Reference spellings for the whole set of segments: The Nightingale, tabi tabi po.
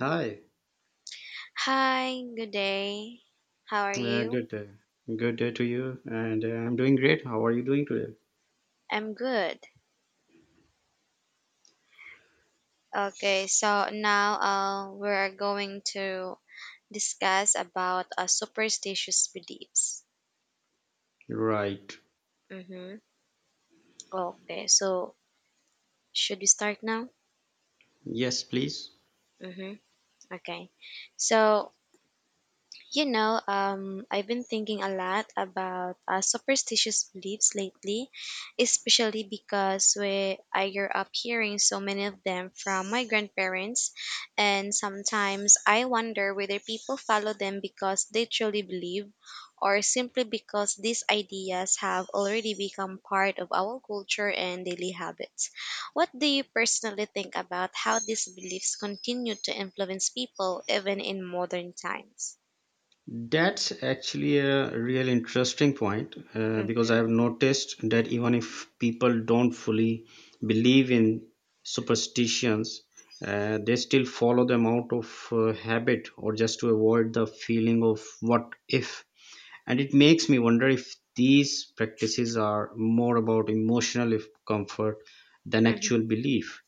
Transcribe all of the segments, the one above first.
Hi, Hi, good day. How are you? good day. Good day to you, and I'm doing great. How are you doing today? I'm good. Okay, so now we're going to discuss about superstitious beliefs. Right. Mm-hmm. Okay, so should we start now? Yes, please. Mm-hmm. Okay, so I've been thinking a lot about superstitious beliefs lately, especially because I grew up hearing so many of them from my grandparents, and sometimes I wonder whether people follow them because they truly believe or simply because these ideas have already become part of our culture and daily habits. What do you personally think about how these beliefs continue to influence people even in modern times? That's actually a real interesting point Mm-hmm. because I've noticed that even if people don't fully believe in superstitions, they still follow them out of habit or just to avoid the feeling of what if. And it makes me wonder if these practices are more about emotional comfort than actual Mhm. belief.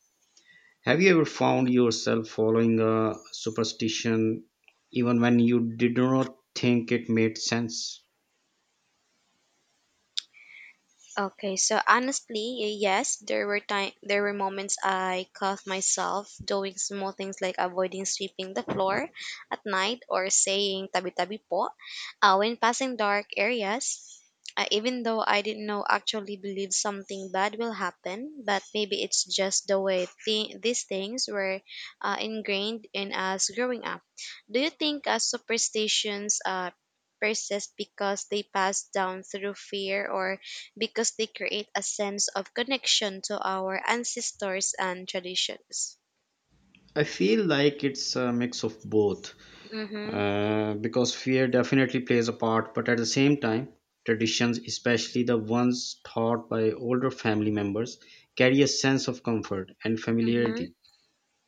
Have you ever found yourself following a superstition even when you did not think it made sense? Okay, so honestly, yes, there were moments I caught myself doing small things like avoiding sweeping the floor at night or saying tabi tabi po when passing dark areas. Even though I didn't know actually believe something bad will happen, but maybe it's just the way these things were ingrained in us growing up. Do you think superstitions persist because they pass down through fear or because they create a sense of connection to our ancestors and traditions? I feel like it's a mix of both, Mm-hmm, because fear definitely plays a part, but at the same time, traditions, especially the ones taught by older family members, carry a sense of comfort and mm-hmm. familiarity,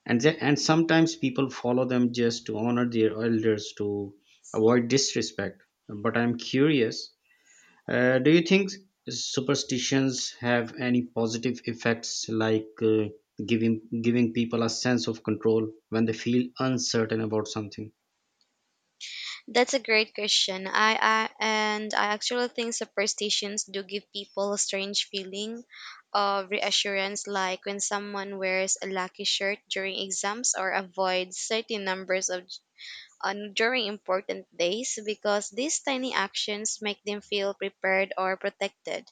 and and sometimes people follow them just to honor their elders, to avoid disrespect. But I'm curious, do you think superstitions have any positive effects, like giving people a sense of control when they feel uncertain about something? That's a great question. I actually think superstitions do give people a strange feeling of reassurance, like when someone wears a lucky shirt during exams or avoids certain numbers of on during important days because these tiny actions make them feel prepared or protected,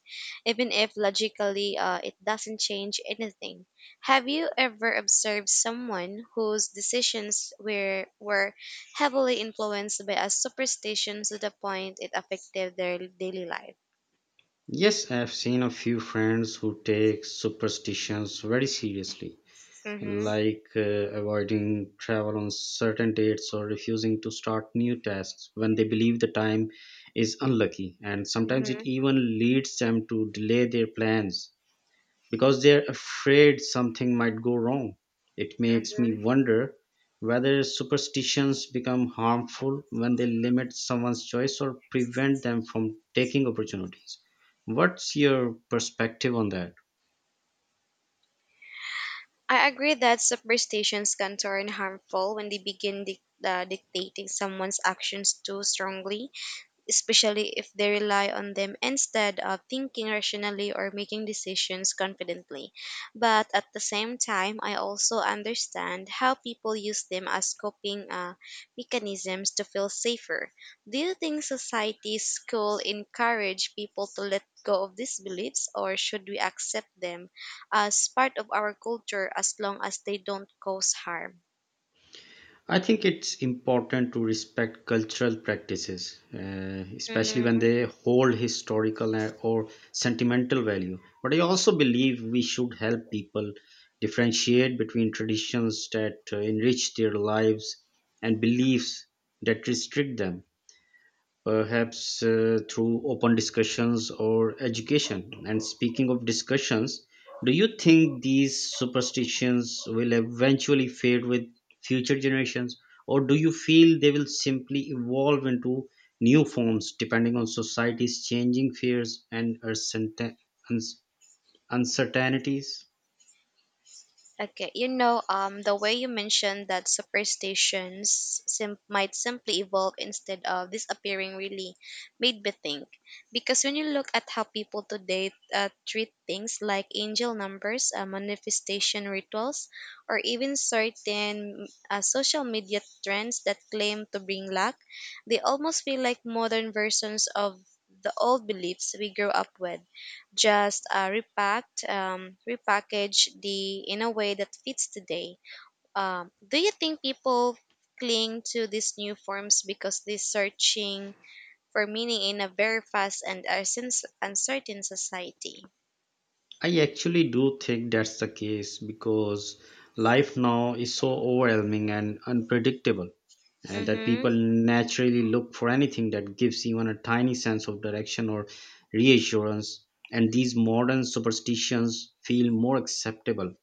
even if logically it doesn't change anything. Have you ever observed someone whose decisions were heavily influenced by a superstition to the point it affected their daily life? Yes, I've seen a few friends who take superstitions very seriously, Mm-hmm. like avoiding travel on certain dates or refusing to start new tasks when they believe the time is unlucky. And sometimes it Mm-hmm. even leads them to delay their plans because they're afraid something might go wrong. It makes me wonder whether superstitions become harmful when they limit someone's choice or prevent them from taking opportunities. What's your perspective on that? I agree that superstitions can turn harmful when they begin dictating someone's actions too strongly, especially if they rely on them instead of thinking rationally or making decisions confidently. But at the same time, I also understand how people use them as coping mechanisms to feel safer. Do you think society, school encourage people to let go of these beliefs, or should we accept them as part of our culture as long as they don't cause harm? I think it's important to respect cultural practices, especially when Mm-hmm. they hold historical or sentimental value. But I also believe we should help people differentiate between traditions that enrich their lives and beliefs that restrict them, perhaps through open discussions or education. And speaking of discussions, do you think these superstitions will eventually fade with future generations, or do you feel they will simply evolve into new forms depending on society's changing fears and uns- uncertainties? Okay, the way you mentioned that superstitions might simply evolve instead of disappearing really made me think. Because when you look at how people today treat things like angel numbers, manifestation rituals, or even certain social media trends that claim to bring luck, they almost feel like modern versions of the old beliefs we grew up with, just repackaged the in a way that fits today. Do you think people cling to these new forms because they're searching for meaning in a very fast and uncertain society? I actually do think that's the case, because life now is so overwhelming and unpredictable, and that people Mm-hmm. naturally look for anything that gives even a tiny sense of direction or reassurance. And these modern superstitions feel more acceptable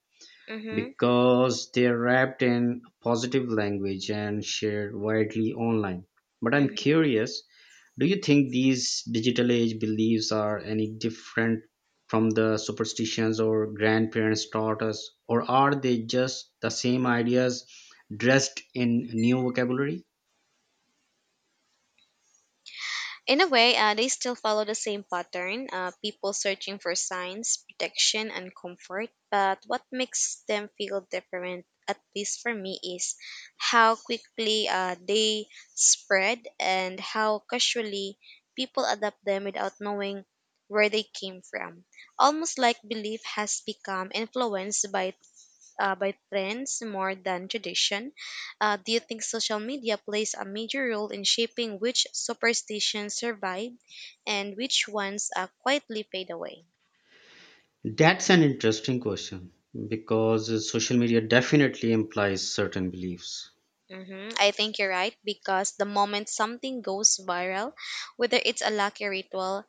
Mm-hmm. because they're wrapped in positive language and shared widely online. But I'm curious, do you think these digital age beliefs are any different from the superstitions our grandparents taught us, or are they just the same ideas dressed in new vocabulary? In a way, they still follow the same pattern, people searching for signs, protection, and comfort. But what makes them feel different, at least for me, is how quickly they spread and how casually people adapt them without knowing where they came from. Almost like belief has become influenced by trends more than tradition. Do you think social media plays a major role in shaping which superstitions survive and which ones quietly fade away? That's an interesting question, because social media definitely implies certain beliefs. Hmm, I think you're right because the moment something goes viral, whether it's a lucky ritual,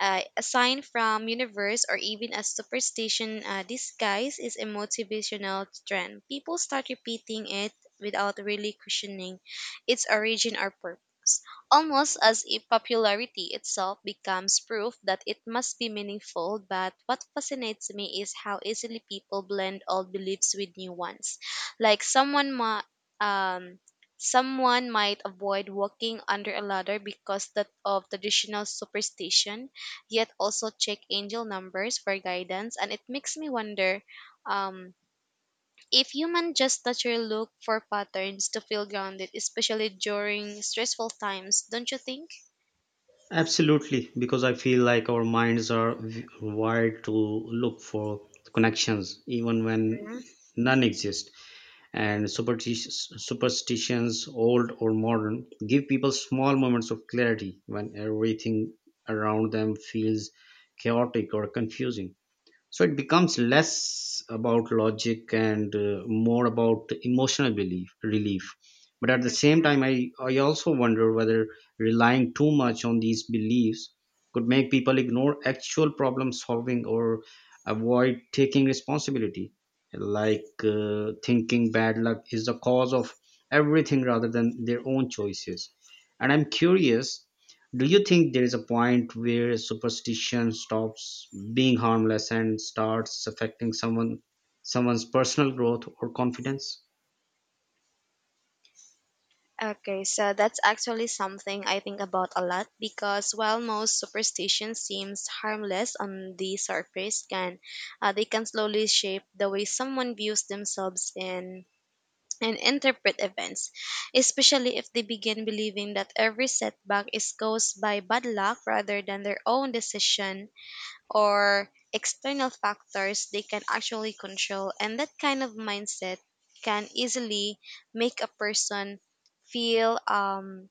a sign from universe, or even a superstition disguise is a motivational trend, people start repeating it without really questioning its origin or purpose, almost as if popularity itself becomes proof that it must be meaningful. But what fascinates me is how easily people blend old beliefs with new ones, like um, someone might avoid walking under a ladder because that of traditional superstition, yet also check angel numbers for guidance. And it makes me wonder um, if human just naturally look for patterns to feel grounded, especially during stressful times, don't you think? Absolutely, because I feel like our minds are wired to look for connections even Mhm. when none exist. And superstitions, old or modern, give people small moments of clarity when everything around them feels chaotic or confusing. So it becomes less about logic and more about emotional belief relief. But at the same time, I also wonder whether relying too much on these beliefs could make people ignore actual problem solving or avoid taking responsibility, like thinking bad luck is the cause of everything rather than their own choices. And I'm curious, do you think there is a point where superstition stops being harmless and starts affecting someone's personal growth or confidence? Okay, so that's actually something I think about a lot because while most superstition seems harmless on the surface, can they can slowly shape the way someone views themselves in and interpret events, especially if they begin believing that every setback is caused by bad luck rather than their own decision or external factors they can actually control. And that kind of mindset can easily make a person feel um,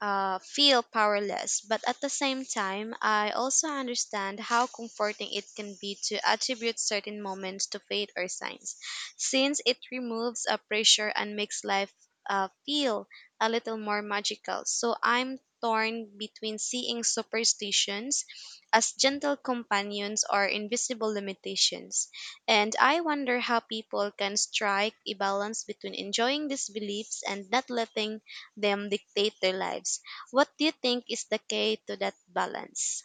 feel powerless. But at the same time, I also understand how comforting it can be to attribute certain moments to fate or signs, since it removes a pressure and makes life feel a little more magical. So I'm torn between seeing superstitions as gentle companions or invisible limitations. And I wonder how people can strike a balance between enjoying these beliefs and not letting them dictate their lives. What do you think is the key to that balance?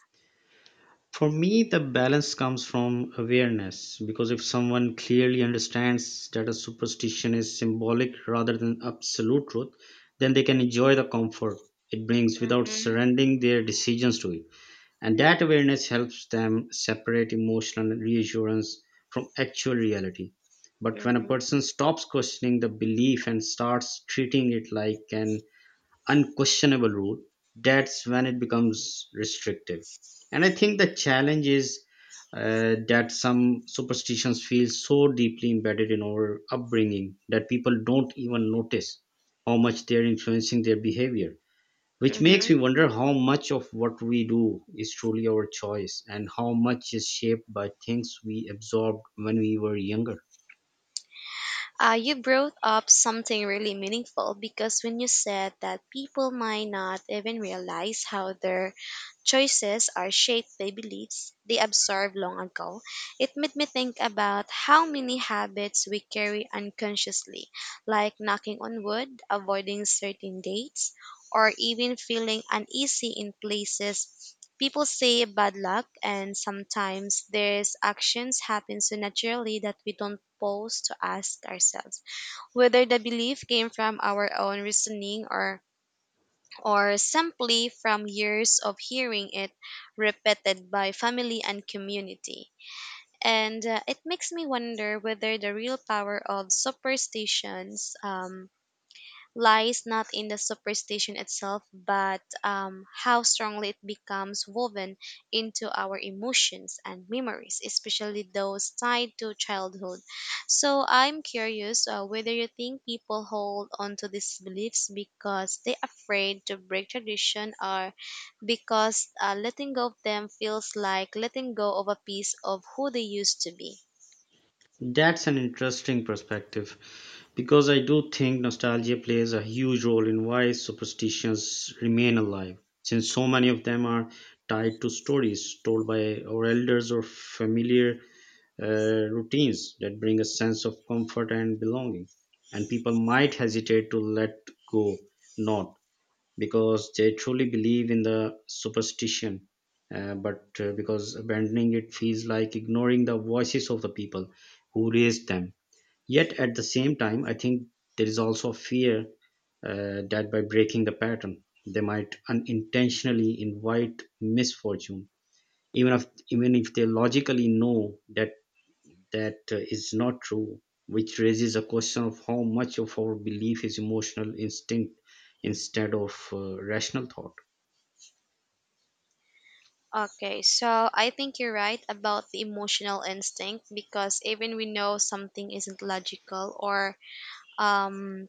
For me, the balance comes from awareness, because if someone clearly understands that a superstition is symbolic rather than absolute truth, then they can enjoy the comfort it brings without Mm-hmm, surrendering their decisions to it. And that awareness helps them separate emotional reassurance from actual reality. But when a person stops questioning the belief and starts treating it like an unquestionable rule, that's when it becomes restrictive. And I think the challenge is that some superstitions feel so deeply embedded in our upbringing that people don't even notice how much they're influencing their behavior, which makes mm-hmm. me wonder how much of what we do is truly our choice and how much is shaped by things we absorbed when we were younger. You brought up something really meaningful because when you said that people might not even realize how their choices are shaped by beliefs they absorbed long ago, it made me think about how many habits we carry unconsciously, like knocking on wood, avoiding certain dates, or even feeling uneasy in places people say bad luck, and sometimes these actions happen so naturally that we don't pause to ask ourselves whether the belief came from our own reasoning or simply from years of hearing it repeated by family and community. And it makes me wonder whether the real power of superstitions lies not in the superstition itself, but how strongly it becomes woven into our emotions and memories, especially those tied to childhood. So I'm curious whether you think people hold on to these beliefs because they're afraid to break tradition or because letting go of them feels like letting go of a piece of who they used to be. That's an interesting perspective, because I do think nostalgia plays a huge role in why superstitions remain alive, since so many of them are tied to stories told by our elders or familiar routines that bring a sense of comfort and belonging. And people might hesitate to let go, not because they truly believe in the superstition. But because abandoning it feels like ignoring the voices of the people who raised them. Yet at the same time, I think there is also a fear, that by breaking the pattern, they might unintentionally invite misfortune. Even if they logically know that that is not true, which raises a question of how much of our belief is emotional instinct instead of rational thought. Okay, so I think you're right about the emotional instinct because even we know something isn't logical um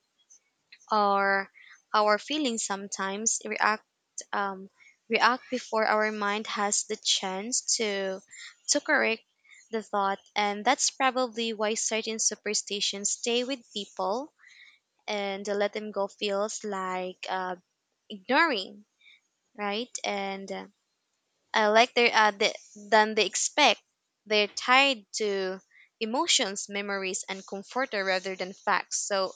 or our feelings sometimes um react before our mind has the chance to correct the thought, and that's probably why certain superstitions stay with people and the let them go feels like ignoring right, and I like their the, than they expect. They're tied to emotions, memories, and comforter rather than facts. So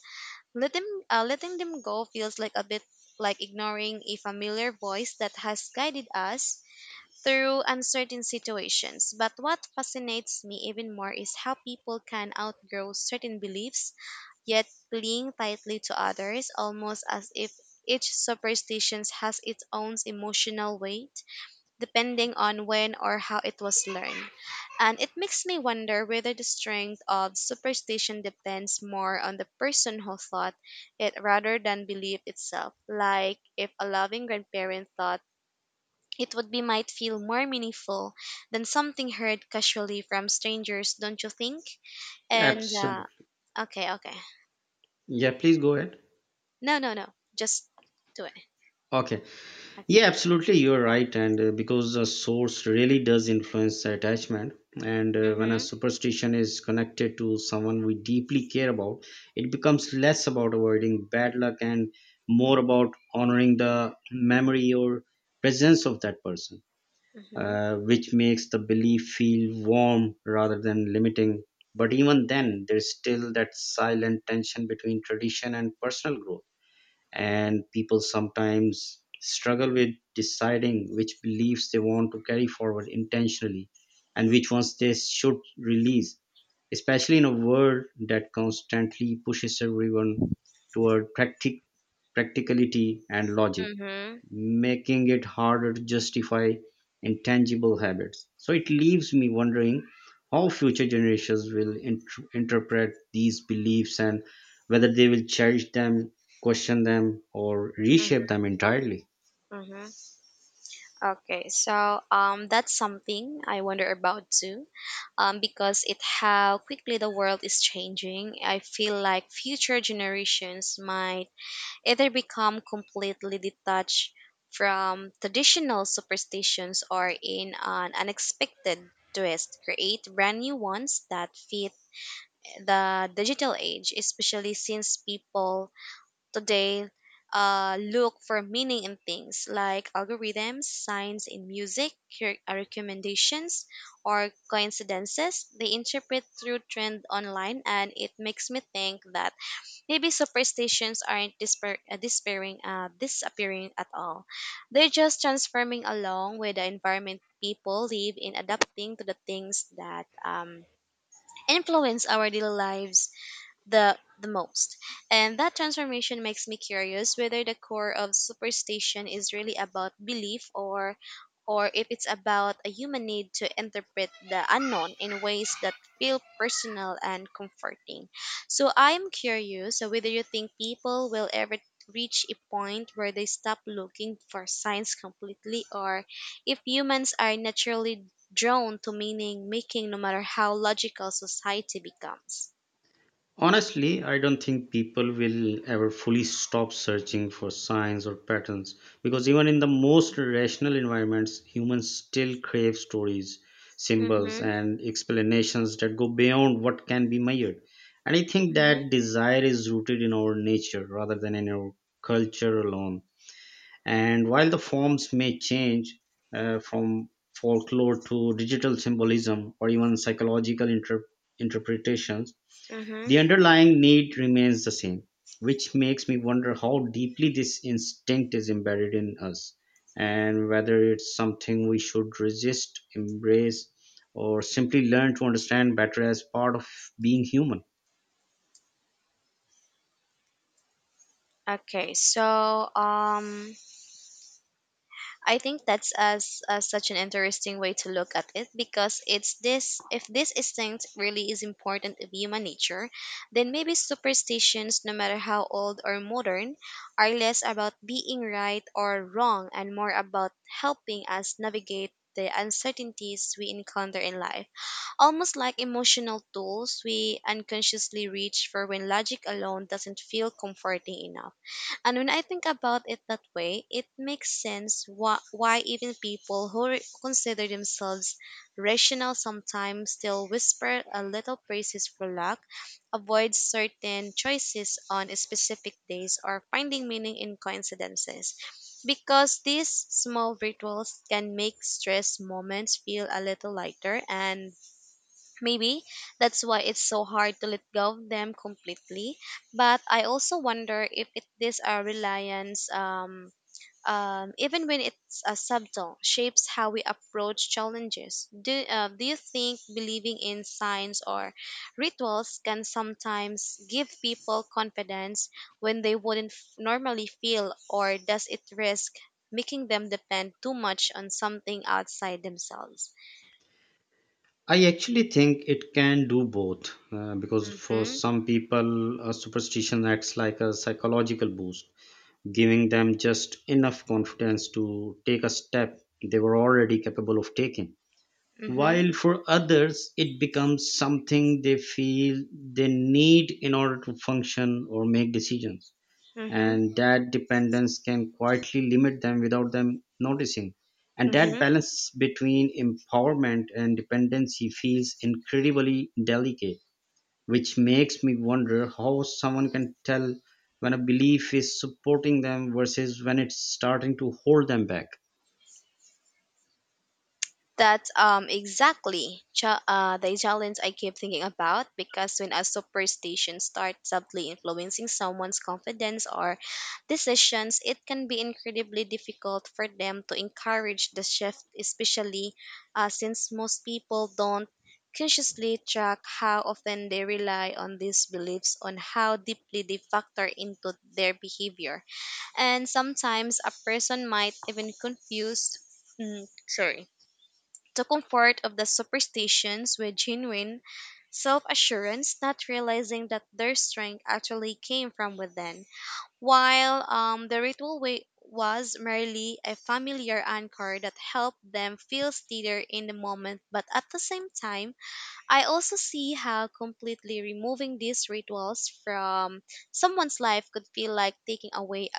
letting them go feels like a bit like ignoring a familiar voice that has guided us through uncertain situations. But what fascinates me even more is how people can outgrow certain beliefs, yet cling tightly to others, almost as if each superstition has its own emotional weight depending on when or how it was learned. And it makes me wonder whether the strength of superstition depends more on the person who thought it rather than belief itself. Like if a loving grandparent thought it, would be might feel more meaningful than something heard casually from strangers, don't you think? And Absolutely. Okay, okay. Yeah, please go ahead. No, no, no. Just do it. Okay. Okay. Yeah, absolutely. You're right. And because the source really does influence the attachment, and when a Mhm. superstition is connected to someone we deeply care about, it becomes less about avoiding bad luck and more about honoring the memory or presence of that person, Mhm. Which makes the belief feel warm rather than limiting. But even then, there's still that silent tension between tradition and personal growth, and people sometimes struggle with deciding which beliefs they want to carry forward intentionally and which ones they should release, especially in a world that constantly pushes everyone toward practicality and logic, Mhm. making it harder to justify intangible habits. So it leaves me wondering how future generations will interpret these beliefs and whether they will cherish them, question them, or Mhm. reshape them entirely. Mhm. Okay, so that's something I wonder about too, because it how quickly the world is changing. I feel like future generations might either become completely detached from traditional superstitions or in an unexpected twist create brand new ones that fit the digital age, especially since people today look for meaning in things like algorithms, signs in music, recommendations, or coincidences. They interpret through trend online, and it makes me think that maybe superstitions aren't disappearing at all. They're just transforming along with the environment people live in, adapting to the things that influence our daily lives the most. And that transformation makes me curious whether the core of superstition is really about belief or if it's about a human need to interpret the unknown in ways that feel personal and comforting. So I'm curious whether you think people will ever reach a point where they stop looking for signs completely, or if humans are naturally drawn to meaning making no matter how logical society becomes. Honestly, I don't think people will ever fully stop searching for signs or patterns, because even in the most rational environments, humans still crave stories, symbols, Mm-hmm. and explanations that go beyond what can be measured. And I think Mhm, that desire is rooted in our nature rather than in our culture alone. And while the forms may change, from folklore to digital symbolism or even psychological interpretations, mhm. the underlying need remains the same, which makes me wonder how deeply this instinct is embedded in us and whether it's something we should resist, embrace, or simply learn to understand better as part of being human. Okay, so um, I think that's as such an interesting way to look at it because it's this if this instinct really is important of human nature, then maybe superstitions, no matter how old or modern, are less about being right or wrong and more about helping us navigate the uncertainties we encounter in life. Almost like emotional tools we unconsciously reach for when logic alone doesn't feel comforting enough. And when I think about it that way, it makes sense why even people who consider themselves rational sometimes still whisper a little praises for luck, avoid certain choices on specific days, or finding meaning in coincidences. Because these small rituals can make stress moments feel a little lighter, and maybe that's why it's so hard to let go of them completely. But I also wonder if even when it's subtle, shapes how we approach challenges. Do you think believing in signs or rituals can sometimes give people confidence when they wouldn't normally feel, or does it risk making them depend too much on something outside themselves? I actually think it can do both, because for Mm-hmm, some people, a superstition acts like a psychological boost, giving them just enough confidence to take a step they were already capable of taking. mm-hmm, While for others it becomes something they feel they need in order to function or make decisions. mm-hmm. And that dependence can quietly limit them without them noticing. And that Mm-hmm. balance between empowerment and dependency feels incredibly delicate, which makes me wonder how someone can tell when a belief is supporting them versus when it's starting to hold them back. That's exactly the challenge I keep thinking about because when a superstition starts subtly influencing someone's confidence or decisions, it can be incredibly difficult for them to encourage the shift, especially since most people don't consciously track how often they rely on these beliefs on how deeply they factor into their behavior. And sometimes a person might even confuse, mm, sorry the comfort of the superstitions with genuine self assurance, not realizing that their strength actually came from within. While the ritual was merely a familiar anchor that helped them feel steadier in the moment, but at the same time, I also see how completely removing these rituals from someone's life could feel like taking away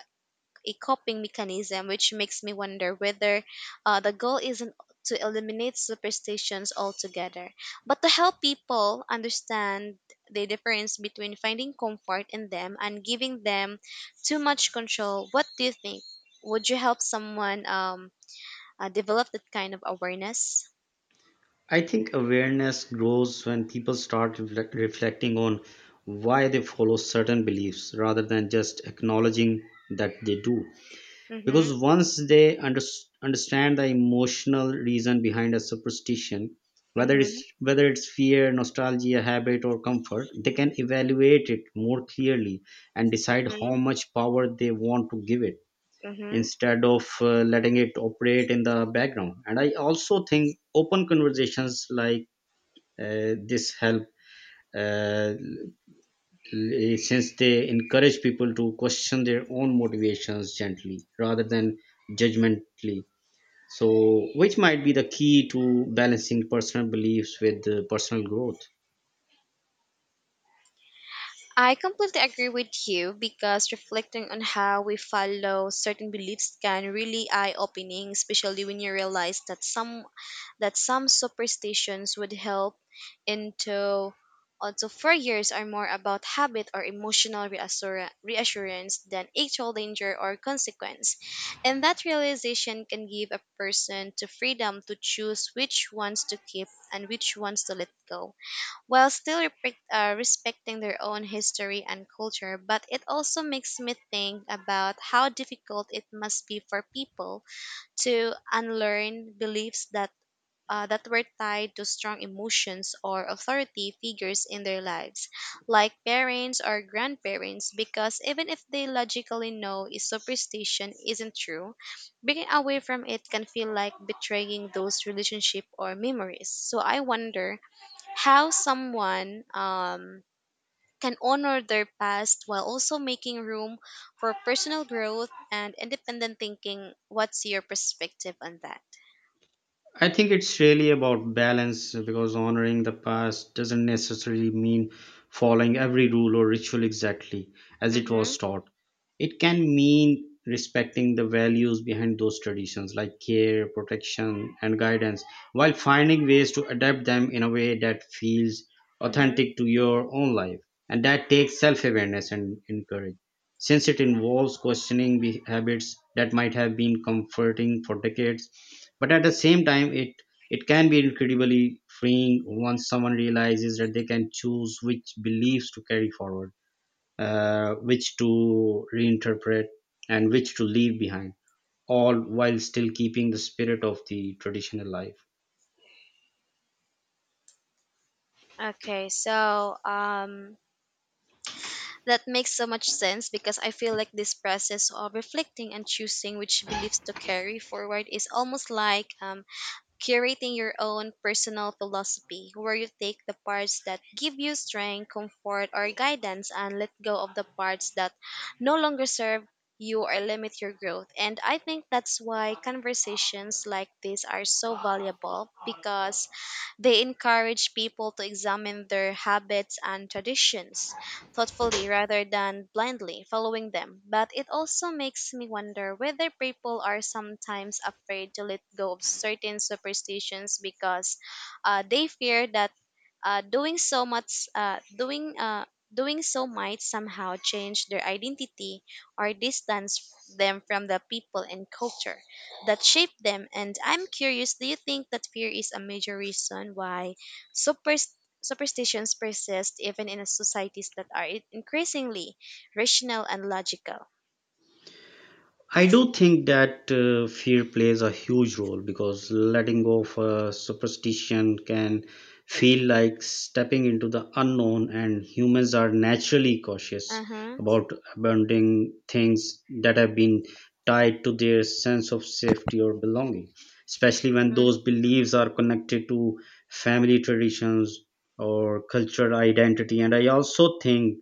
a coping mechanism, which makes me wonder whether the goal isn't to eliminate superstitions altogether, but to help people understand the difference between finding comfort in them and giving them too much control. What do you think? Would you help someone develop that kind of awareness? I think awareness grows when people start reflecting on why they follow certain beliefs rather than just acknowledging that they do. Mm-hmm. Because once they understand the emotional reason behind a superstition, whether it's Mm-hmm. whether it's fear, nostalgia, habit, or comfort, they can evaluate it more clearly and decide Mm-hmm. how much power they want to give it, Mm-hmm. instead of letting it operate in the background. And I also think open conversations like this help, uh, l- since they encourage people to question their own motivations gently rather than judgmentally, so which might be the key to balancing personal beliefs with personal growth. I completely agree with you because reflecting on how we follow certain beliefs can really eye-opening, especially when you realize that some superstitions would help into also years are more about habit or emotional reassurance than actual danger or consequence. And that realization can give a person to freedom to choose which ones to keep and which ones to let go while still respecting their own history and culture. But it also makes me think about how difficult it must be for people to unlearn beliefs that. That were tied to strong emotions or authority figures in their lives, like parents or grandparents, because even if they logically know a superstition isn't true, breaking away from it can feel like betraying those relationship or memories. So I wonder how someone can honor their past while also making room for personal growth and independent thinking. What's your perspective on that? I think it's really about balance, because honoring the past doesn't necessarily mean following every rule or ritual exactly as it Mm-hmm. was taught. It can mean respecting the values behind those traditions, like care, protection, and guidance, while finding ways to adapt them in a way that feels Mm-hmm. authentic to your own life. And that takes self awareness and courage. Since it involves questioning habits that might have been comforting for decades, but at the same time, it can be incredibly freeing once someone realizes that they can choose which beliefs to carry forward, which to reinterpret, and which to leave behind, all while still keeping the spirit of the tradition alive. Okay, so that makes so much sense because I feel like this process of reflecting and choosing which beliefs to carry forward is almost like curating your own personal philosophy where you take the parts that give you strength, comfort, or guidance and let go of the parts that no longer serve you or limit your growth. And I think that's why conversations like this are so valuable because they encourage people to examine their habits and traditions thoughtfully rather than blindly following them. But it also makes me wonder whether people are sometimes afraid to let go of certain superstitions because they fear that doing so much, doing doing so might somehow change their identity or distance them from the people and culture that shape them. And I'm curious, do you think that fear is a major reason why superstitions superstitions persist even in societies that are increasingly rational and logical. I do think that fear plays a huge role, because letting go of a superstition can feel like stepping into the unknown, and humans are naturally cautious Mm-hmm, about abandoning things that have been tied to their sense of safety or belonging, especially when mm-hmm, those beliefs are connected to family traditions or cultural identity. And I also think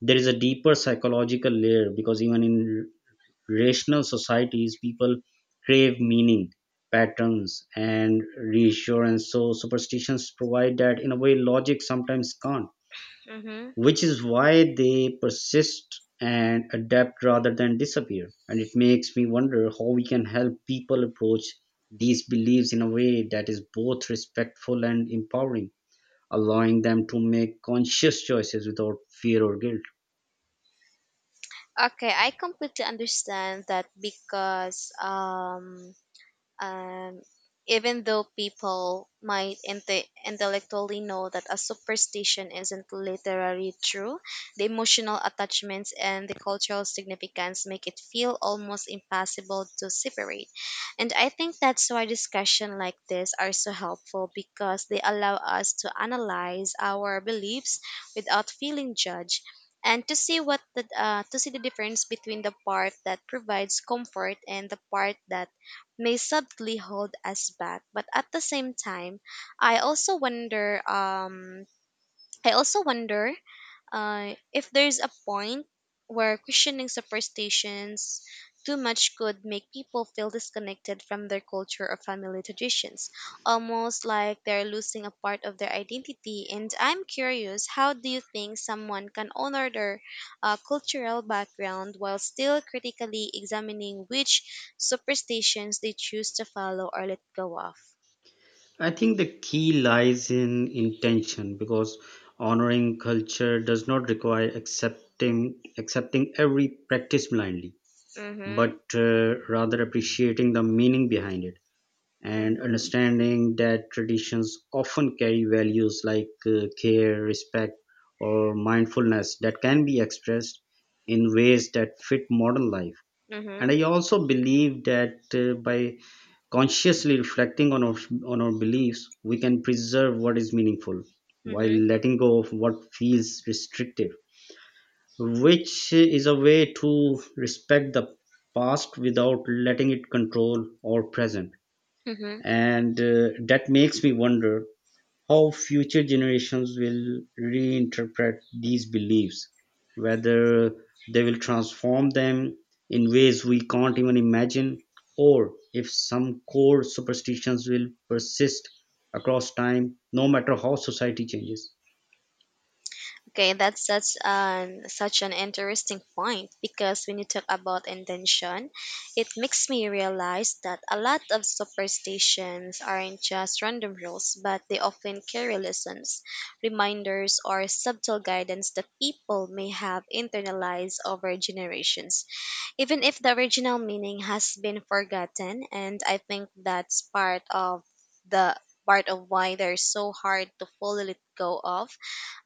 there is a deeper psychological layer, because even in rational societies, people crave meaning, patterns, and reassurance. So superstitions provide that in a way logic sometimes can't, mm-hmm. which is why they persist and adapt rather than disappear. And it makes me wonder how we can help people approach these beliefs in a way that is both respectful and empowering, allowing them to make conscious choices without fear or guilt. Okay, I completely understand that because Um, even though people might intellectually know that a superstition isn't literally true, the emotional attachments and the cultural significance make it feel almost impossible to separate. And I think that's why discussions like this are so helpful because they allow us to analyze our beliefs without feeling judged and to see what the to see the difference between the part that provides comfort and the part that may subtly hold us back. But at the same time, I also wonder. Um, I also wonder if there's a point where questioning superstitions too much could make people feel disconnected from their culture or family traditions, almost like they're losing a part of their identity. And I'm curious, how do you think someone can honor their cultural background while still critically examining which superstitions they choose to follow or let go of? I think the key lies in intention, because honoring culture does not require accepting every practice blindly, Mm-hmm. but rather appreciating the meaning behind it, and Mm-hmm. understanding that traditions often carry values like care, respect, or mindfulness that can be expressed in ways that fit modern life. And Mm-hmm. I also believe that by consciously reflecting on on our beliefs, we can preserve what is meaningful while Mm-hmm. letting go of what feels restrictive, which is a way to respect the past without letting it control our present. Mm-hmm. And that makes me wonder how future generations will reinterpret these beliefs, whether they will transform them in ways we can't even imagine, or if some core superstitions will persist across time, no matter how society changes. Okay, that's such an interesting point because when you talk about intention, it makes me realize that a lot of superstitions aren't just random rules, but they often carry lessons, reminders, or subtle guidance that people may have internalized over generations even if the original meaning has been forgotten and I think that's the part of why they're so hard to fully let go of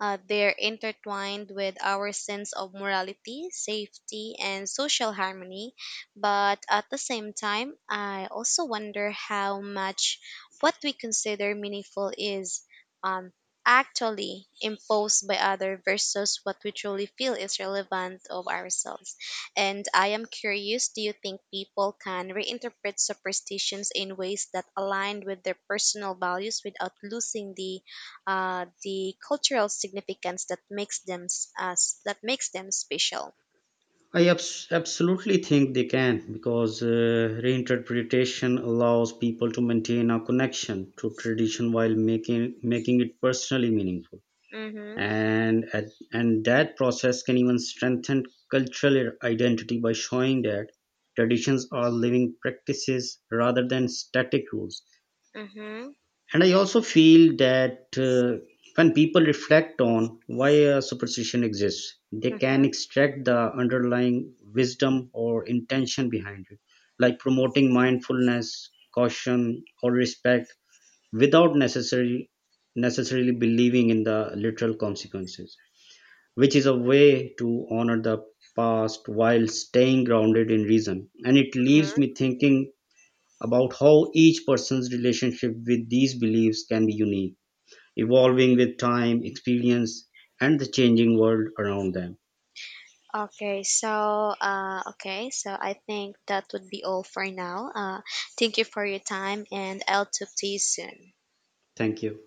they're intertwined with our sense of morality safety and social harmony but at the same time I also wonder how much what we consider meaningful is um, actually imposed by other versus what we truly feel is relevant of ourselves and I am curious, do you think people can reinterpret superstitions in ways that align with their personal values without losing the cultural significance that makes them s- us that makes them special? I absolutely think they can, because reinterpretation allows people to maintain a connection to tradition while making it personally meaningful. Mhm. And and that process can even strengthen cultural identity by showing that traditions are living practices rather than static rules. Mhm. And I also feel that when people reflect on why a superstition exists, they can Mhm. extract the underlying wisdom or intention behind it, like promoting mindfulness, caution, or respect, without necessarily believing in the literal consequences, which is a way to honor the past while staying grounded in reason. And it leaves Mhm. me thinking about how each person's relationship with these beliefs can be unique, evolving with time, experience, and the changing world around them. Okay, so I think that would be all for now. Thank you for your time, and I'll talk to you soon. Thank you.